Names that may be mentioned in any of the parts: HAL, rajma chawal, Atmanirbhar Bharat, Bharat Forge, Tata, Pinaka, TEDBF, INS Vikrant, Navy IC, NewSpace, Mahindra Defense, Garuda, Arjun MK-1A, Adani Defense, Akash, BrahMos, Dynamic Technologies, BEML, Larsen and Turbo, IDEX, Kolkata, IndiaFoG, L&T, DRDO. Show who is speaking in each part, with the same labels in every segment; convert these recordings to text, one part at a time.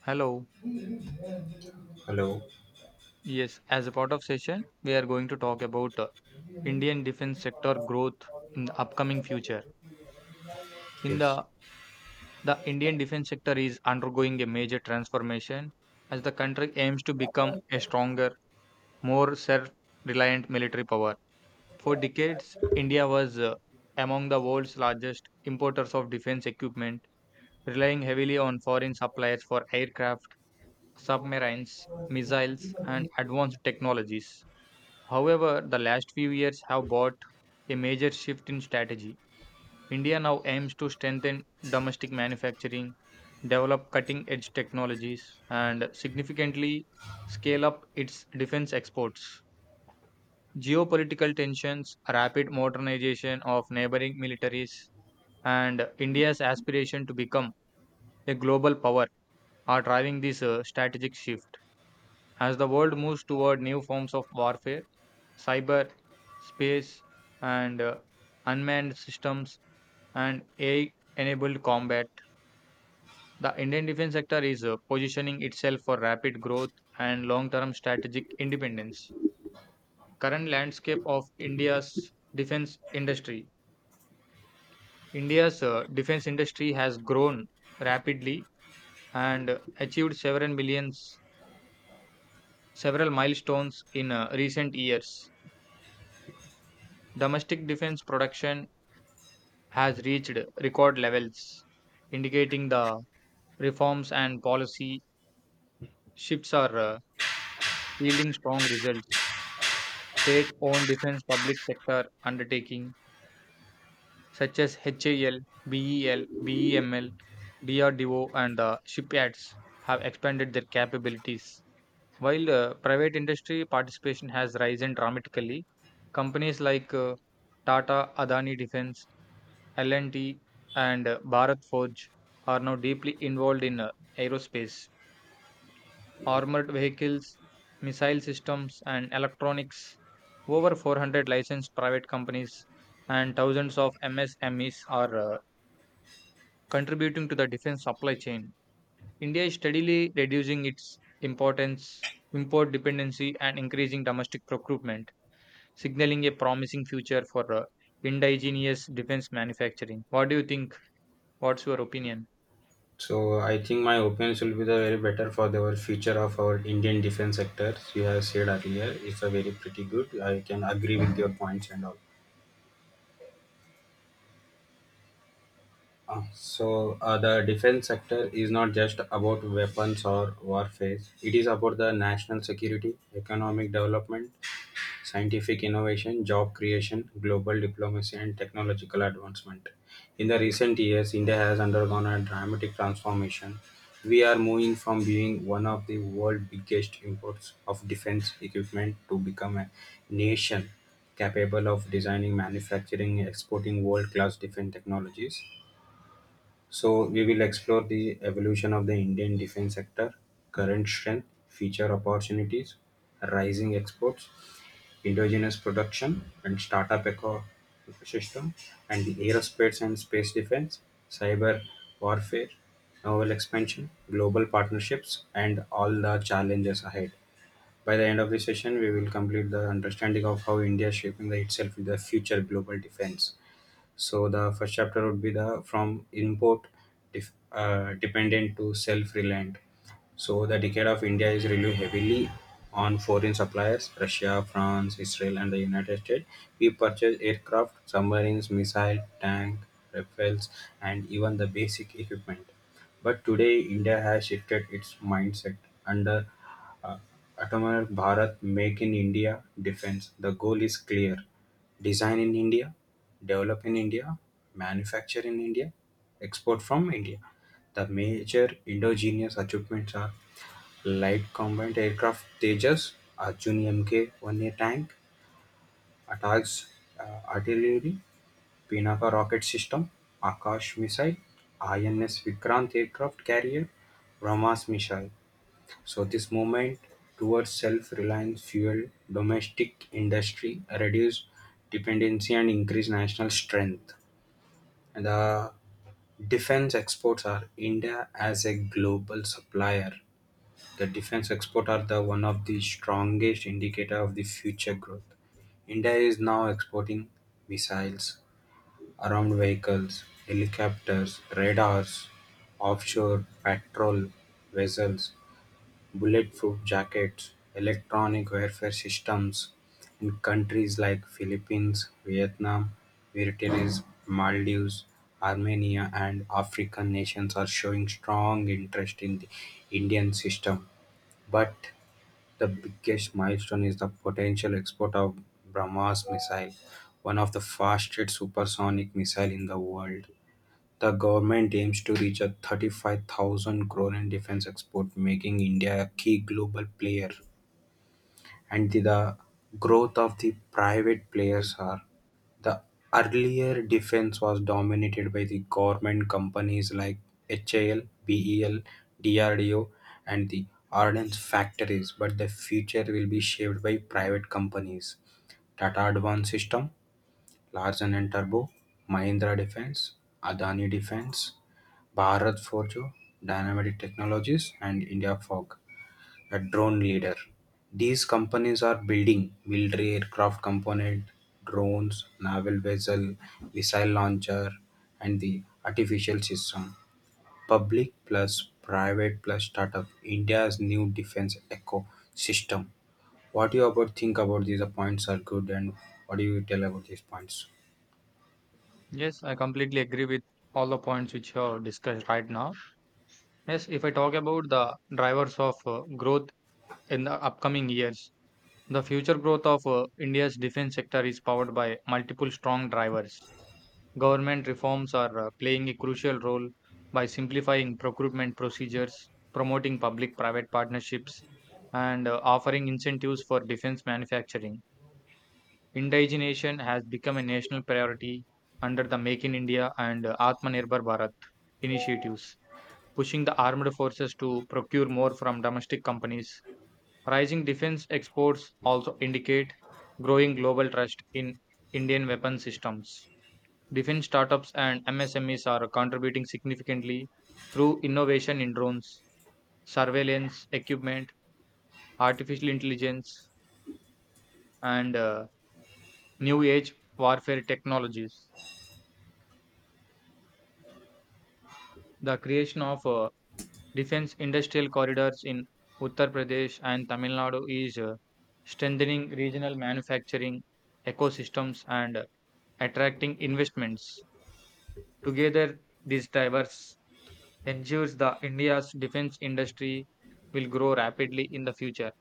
Speaker 1: Hello.
Speaker 2: Hello.
Speaker 1: Yes, as a part of session, we are going to talk about Indian defense sector growth in the upcoming future. In
Speaker 2: Yes.
Speaker 1: the Indian defense sector is undergoing a major transformation as the country aims to become a stronger, more self-reliant military power. For decades, India was among the world's largest importers of defense equipment, relying heavily on foreign suppliers for aircraft, submarines, missiles, and advanced technologies. However, the last few years have brought a major shift in strategy. India now aims to strengthen domestic manufacturing, develop cutting edge technologies, and significantly scale up its defense exports. Geopolitical tensions, rapid modernization of neighboring militaries, and India's aspiration to become a global power are driving this strategic shift. As the world moves toward new forms of warfare, cyber, space, and unmanned systems, and AI enabled combat, the Indian defense sector is positioning itself for rapid growth and long term strategic independence. Current landscape of India's defense industry. India's defense industry has grown rapidly and achieved several milestones in recent years. Domestic defense production has reached record levels, indicating the reforms and policy shifts are yielding strong results. State owned defense public sector undertaking such as HAL, BEL, BEML, DRDO, and the shipyards have expanded their capabilities. While private industry participation has risen dramatically, companies like Tata, Adani Defense, L&T, and Bharat Forge are now deeply involved in aerospace, armored vehicles, missile systems and electronics. Over 400 licensed private companies and thousands of MSMEs are contributing to the defense supply chain. India is steadily reducing its import dependency and increasing domestic procurement, signaling a promising future for indigenous defense manufacturing. What do you think? What's your opinion?
Speaker 2: So I think my opinions will be the very better for the future of our Indian defense sector. You have said earlier, it's a very pretty good. I can agree with your points and all. The defense sector is not just about weapons or warfare. It is about the national security, economic development, scientific innovation, job creation, global diplomacy, and technological advancement. In the recent years, India has undergone a dramatic transformation. We are moving from being one of the world's biggest imports of defense equipment to become a nation capable of designing, manufacturing, and exporting world class defense technologies. So, we will explore the evolution of the Indian defense sector, current strength, future opportunities, rising exports, endogenous production and startup ecosystem, and the aerospace and space defense, cyber warfare, naval expansion, global partnerships, and all the challenges ahead. By the end of the session, we will complete the understanding of how India is shaping the itself in the future global defense. So the first chapter would be the from import dependent to self reliant. So the decade of India is really heavily on foreign suppliers, Russia, France, Israel, and the United States. We purchase aircraft, submarines, missile, tank, rifles, and even the basic equipment. But today, India has shifted its mindset under uh, Atmanirbhar Bharat Make in India defense. The goal is clear. Design in India, develop in India, manufacture in India, export from India. The major endogenous achievements are light combat aircraft Tejas, Arjun MK-1A tank, attacks artillery, Pinaka rocket system, Akash missile, INS Vikrant aircraft carrier, Brahmas missile. So this movement towards self-reliance fueled domestic industry, reduced dependency and increased national strength. The defense exports are India as a global supplier. The defense export are the one of the strongest indicator of the future growth. India is now exporting missiles, armed vehicles, helicopters, radars, offshore patrol vessels, bulletproof jackets, electronic warfare systems in countries like Philippines, Vietnam, Mauritius, Maldives, Armenia, and African nations are showing strong interest in the Indian system. But the biggest milestone is the potential export of BrahMos missile, one of the fastest supersonic missile in the world. The government aims to reach a 35,000 crore in defense export, making India a key global player. And the growth of the private players are the earlier defense was dominated by the government companies like HAL, BEL, DRDO, and the Ardennes factories, but the future will be shaped by private companies. Tata Advanced System, Larsen and Turbo, Mahindra Defense, Adani Defense, Bharat Forge, Dynamic Technologies, and IndiaFoG, a drone leader. These companies are building military aircraft component, drones, naval vessel, missile launcher, and the artificial system. Public plus private plus startup. India's new defense ecosystem. What do you about think about these points are good and what do you tell about these points?
Speaker 1: Yes, I completely agree with all the points which you have discussed right now. Yes, if I talk about the drivers of growth in the upcoming years, the future growth of India's defense sector is powered by multiple strong drivers. Government reforms are playing a crucial role by simplifying procurement procedures, promoting public private partnerships, and offering incentives for defense manufacturing. Indigenization has become a national priority under the Make in India and Atmanirbhar Bharat initiatives, pushing the armed forces to procure more from domestic companies. Rising defense exports also indicate growing global trust in Indian weapon systems. Defense startups and MSMEs are contributing significantly through innovation in drones, surveillance equipment, artificial intelligence, and new age warfare technologies. The creation of defense industrial corridors in Uttar Pradesh and Tamil Nadu is strengthening regional manufacturing ecosystems and attracting investments. Together, these drivers ensures that India's defense industry will grow rapidly in the future.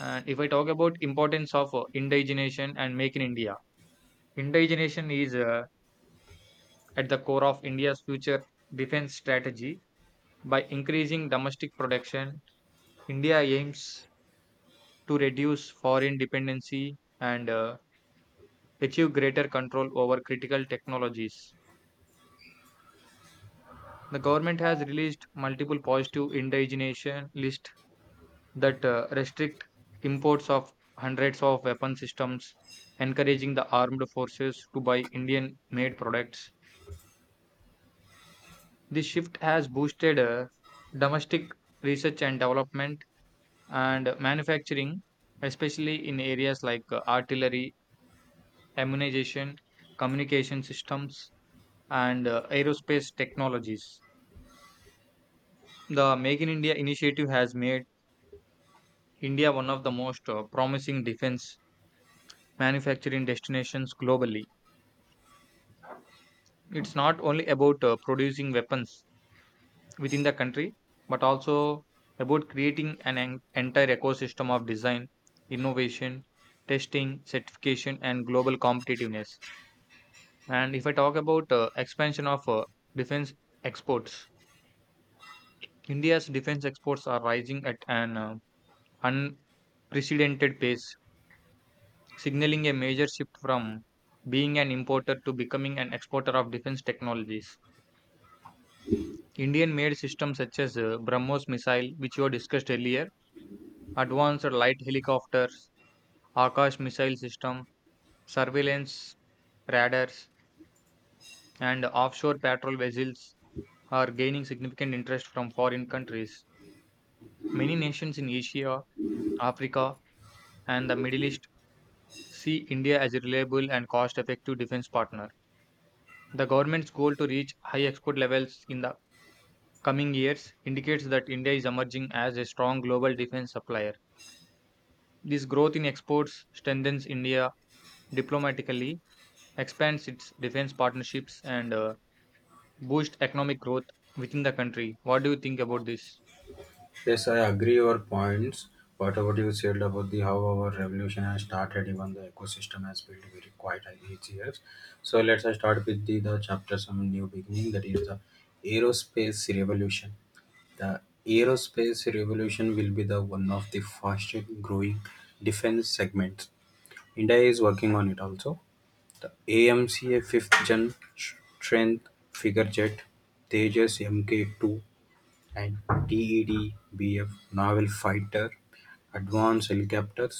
Speaker 1: And if I talk about importance of indigenation and make in India, indigenation is at the core of India's future defense strategy by increasing domestic production India aims to reduce foreign dependency and achieve greater control over critical technologies. The government has released multiple positive indigenation lists that restrict imports of hundreds of weapon systems, encouraging the armed forces to buy Indian made products. This shift has boosted domestic research and development and manufacturing, especially in areas like artillery immunization, communication systems, and aerospace technologies. The Make in India initiative has made India one of the most promising defense manufacturing destinations globally. It's not only about producing weapons within the country, but also about creating entire ecosystem of design, innovation, testing, certification, and global competitiveness. And if I talk about expansion of defense exports, India's defense exports are rising at an unprecedented pace, signaling a major shift from being an importer to becoming an exporter of defense technologies. Indian made systems such as BrahMos missile, which you discussed earlier, advanced light helicopters, Akash missile system, surveillance radars, and offshore patrol vessels are gaining significant interest from foreign countries. Many nations in Asia, Africa, and the Middle East see India as a reliable and cost effective defense partner. The government's goal to reach high export levels in the coming years indicates that India is emerging as a strong global defense supplier. This growth in exports strengthens India diplomatically, expands its defense partnerships, and boosts economic growth within the country. What do you think about this?
Speaker 2: Yes, I agree your points. Whatever you said about the how our revolution has started, even the ecosystem has built very quite each years. So let's start with the chapter some new beginning that is the aerospace revolution. The aerospace revolution will be the one of the fastest growing defense segments. India is working on it also. The AMCA fifth gen strength figure jet Tejas Mk2 and TEDBF naval fighter, advanced helicopters,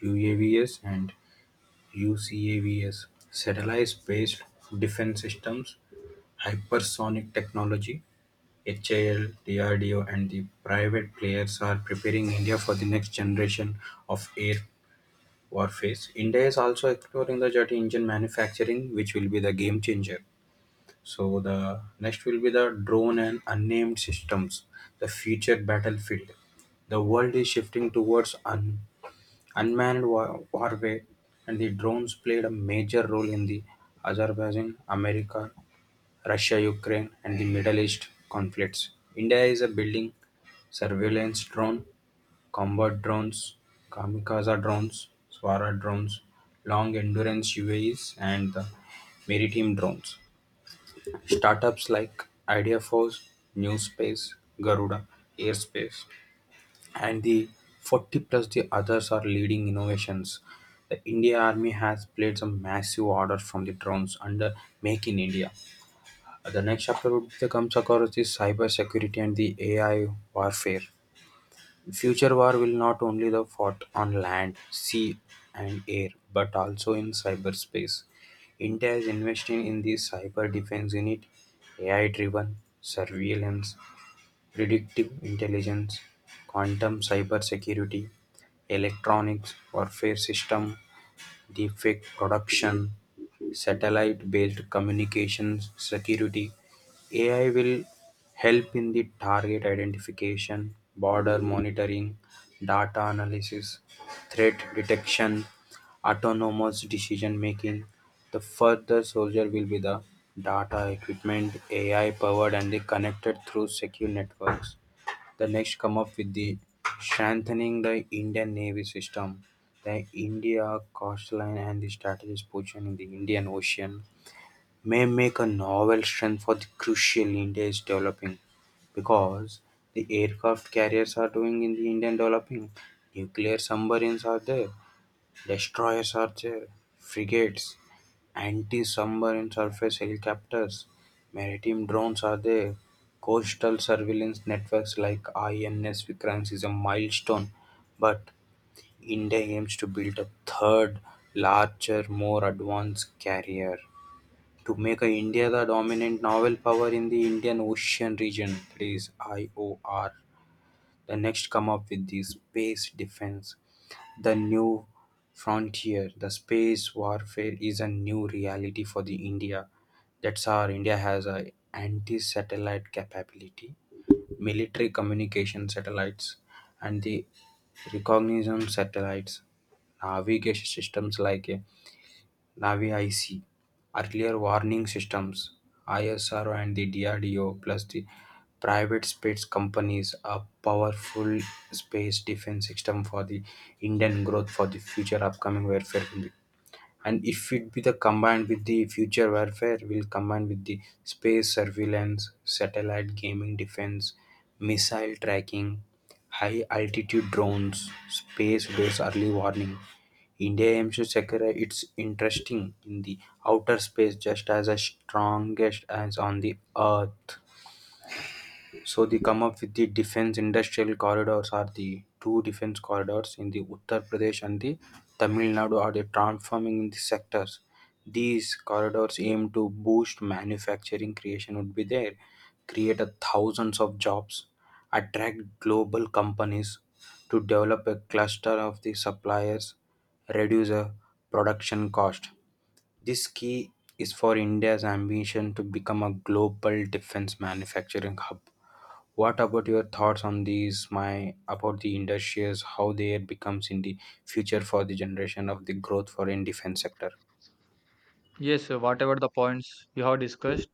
Speaker 2: UAVs and UCAVs, satellite-based defense systems, hypersonic technology, HAL, DRDO and the private players are preparing India for the next generation of air warfare. India is also exploring the jet engine manufacturing, which will be the game changer. So the next will be the drone and unnamed systems, the future battlefield. The world is shifting towards unmanned warfare, and the drones played a major role in the Azerbaijan, America, Russia, Ukraine, and the Middle East conflicts. India is a building surveillance drone, combat drones, kamikaze drones, Swara drones, long endurance UAVs, and the maritime drones. Startups like Ideaforce, NewSpace, Garuda, Airspace, and the 40 plus the others are leading innovations. The India Army has played some massive orders from the drones under Make in India. The next chapter would be the comes across the cyber security and the AI warfare. Future war will not only the fought on land, sea, and air, but also in cyberspace. India is investing in the cyber defense unit, AI-driven surveillance, predictive intelligence, quantum cyber security, electronics warfare system, defect production, satellite-based communications, security. AI will help in the target identification, border monitoring, data analysis, threat detection, autonomous decision making. The further soldier will be the data equipment, AI powered and the connected through secure networks. The next come up with the strengthening the Indian Navy system, the India coastline and the strategic position in the Indian Ocean may make a novel strength for the crucial India is developing because the aircraft carriers are doing in the Indian developing, nuclear submarines are there, destroyers are there, frigates. Anti-submarine surface helicopters, maritime drones are there. Coastal surveillance networks like INS Vikrant is a milestone, but India aims to build a third, larger, more advanced carrier to make India the dominant naval power in the Indian Ocean region. Please, IOR, the next come up with the space defense the new frontier. The space warfare is a new reality for the India. That's our India has a anti-satellite capability, military communication satellites, and the recognition satellites, navigation systems like Navy IC, earlier warning systems, ISRO and the DRDO plus the private space companies a powerful space defense system for the Indian growth for the future upcoming warfare. Will be. And if it be the combined with the future warfare, will combine with the space surveillance, satellite gaming defense, missile tracking, high altitude drones, space based early warning India aims to secure its interesting in the outer space just as a strongest as on the Earth. So they come up with the defense industrial corridors are the two defense corridors in the Uttar Pradesh and the Tamil Nadu are the transforming in the sectors. These corridors aim to boost manufacturing creation would be there, create a thousands of jobs, attract global companies to develop a cluster of the suppliers, reduce a production cost. This key is for India's ambition to become a global defense manufacturing hub. What about your thoughts on these? My about the industries, how they becomes in the future for the generation of the growth for in defense sector.
Speaker 1: Yes, whatever the points you have discussed,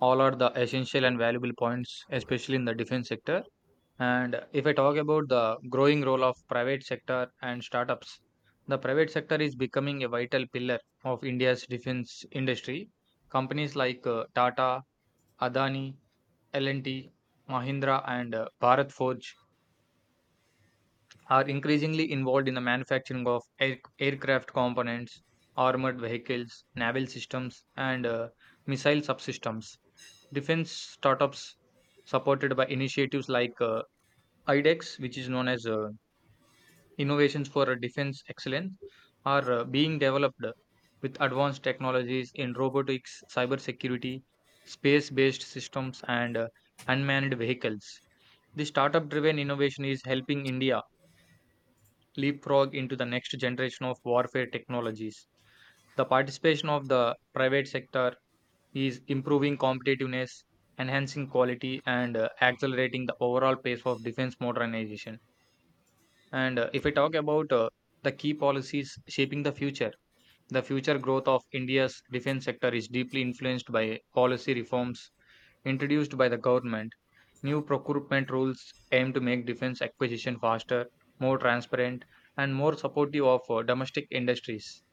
Speaker 1: all are the essential and valuable points, especially in the defense sector. And if I talk about the growing role of private sector and startups, the private sector is becoming a vital pillar of India's defense industry. Companies like Tata, Adani, L&T, Mahindra and Bharat Forge are increasingly involved in the manufacturing of aircraft components, armored vehicles, naval systems and missile subsystems. Defense startups supported by initiatives like IDEX, which is known as Innovations for defense excellence are being developed with advanced technologies in robotics, cybersecurity, space based systems, and unmanned vehicles. The startup driven innovation is helping India leapfrog into the next generation of warfare technologies. The participation of the private sector is improving competitiveness, enhancing quality, and accelerating the overall pace of defense modernization. And if I talk about the key policies shaping the future growth of India's defense sector is deeply influenced by policy reforms introduced by the government. New procurement rules aim to make defense acquisition faster, more transparent, and more supportive of domestic industries.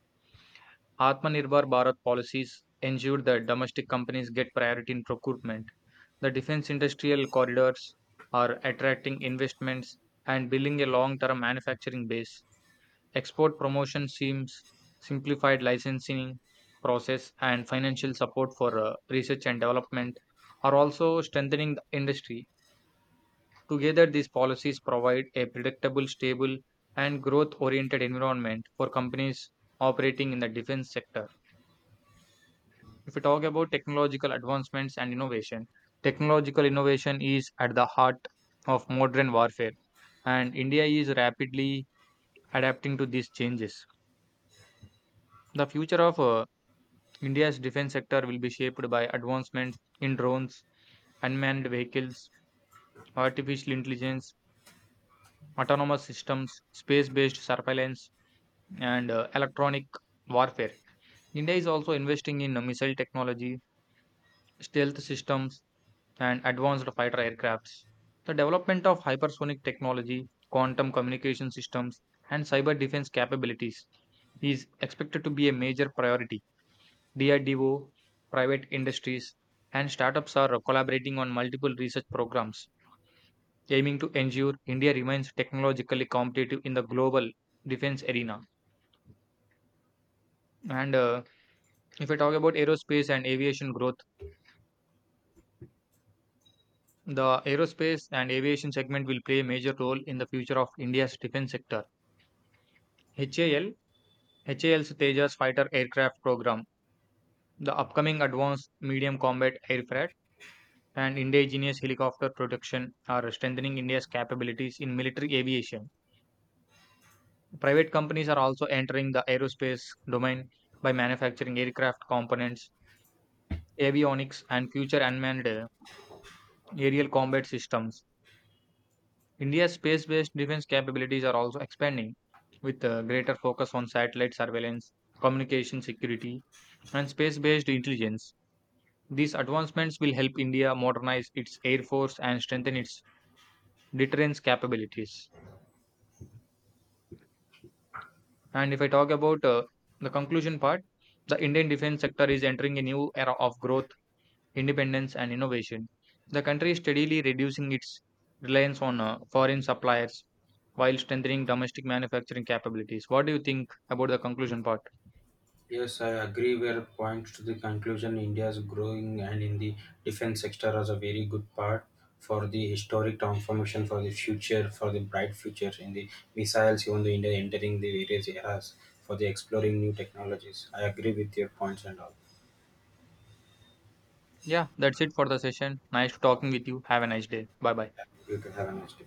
Speaker 1: Atmanirbhar Bharat policies ensure that domestic companies get priority in procurement. The defense industrial corridors are attracting investments and building a long term manufacturing base. Export promotion seems simplified licensing process and financial support for research and development are also strengthening the industry. Together, these policies provide a predictable, stable, and growth oriented environment for companies operating in the defense sector. If we talk about technological advancements and innovation, technological innovation is at the heart of modern warfare, and India is rapidly adapting to these changes. The future of India's defense sector will be shaped by advancements in drones, unmanned vehicles, artificial intelligence, autonomous systems, space based surveillance, and electronic warfare. India is also investing in missile technology, stealth systems, and advanced fighter aircrafts. The development of hypersonic technology, quantum communication systems, and cyber defense capabilities is expected to be a major priority. DRDO, private industries, and startups are collaborating on multiple research programs aiming to ensure India remains technologically competitive in the global defense arena. And if I talk about aerospace and aviation growth, the aerospace and aviation segment will play a major role in the future of India's defense sector. HAL, HAL's Tejas fighter aircraft program, the upcoming advanced medium combat aircraft, and indigenous helicopter production are strengthening India's capabilities in military aviation. Private companies are also entering the aerospace domain by manufacturing aircraft components, avionics, and future unmanned aerial combat systems. India's space based defense capabilities are also expanding with a greater focus on satellite surveillance, communication security, and space based intelligence. These advancements will help India modernize its air force and strengthen its deterrence capabilities. And if I talk about the conclusion part, the Indian defense sector is entering a new era of growth independence, and innovation, the country is steadily reducing its reliance on foreign suppliers while strengthening domestic manufacturing capabilities. What do you think about the conclusion part?
Speaker 2: Yes, I agree. Where points to the conclusion, India is growing, and in the defense sector as a very good part for the historic transformation for the future, for the bright future in the missiles. Even the India entering the various eras for the exploring new technologies. I agree with your points and all.
Speaker 1: Yeah, that's it for the session. Nice talking with you. Have a nice day. Bye bye.
Speaker 2: You can have a nice day.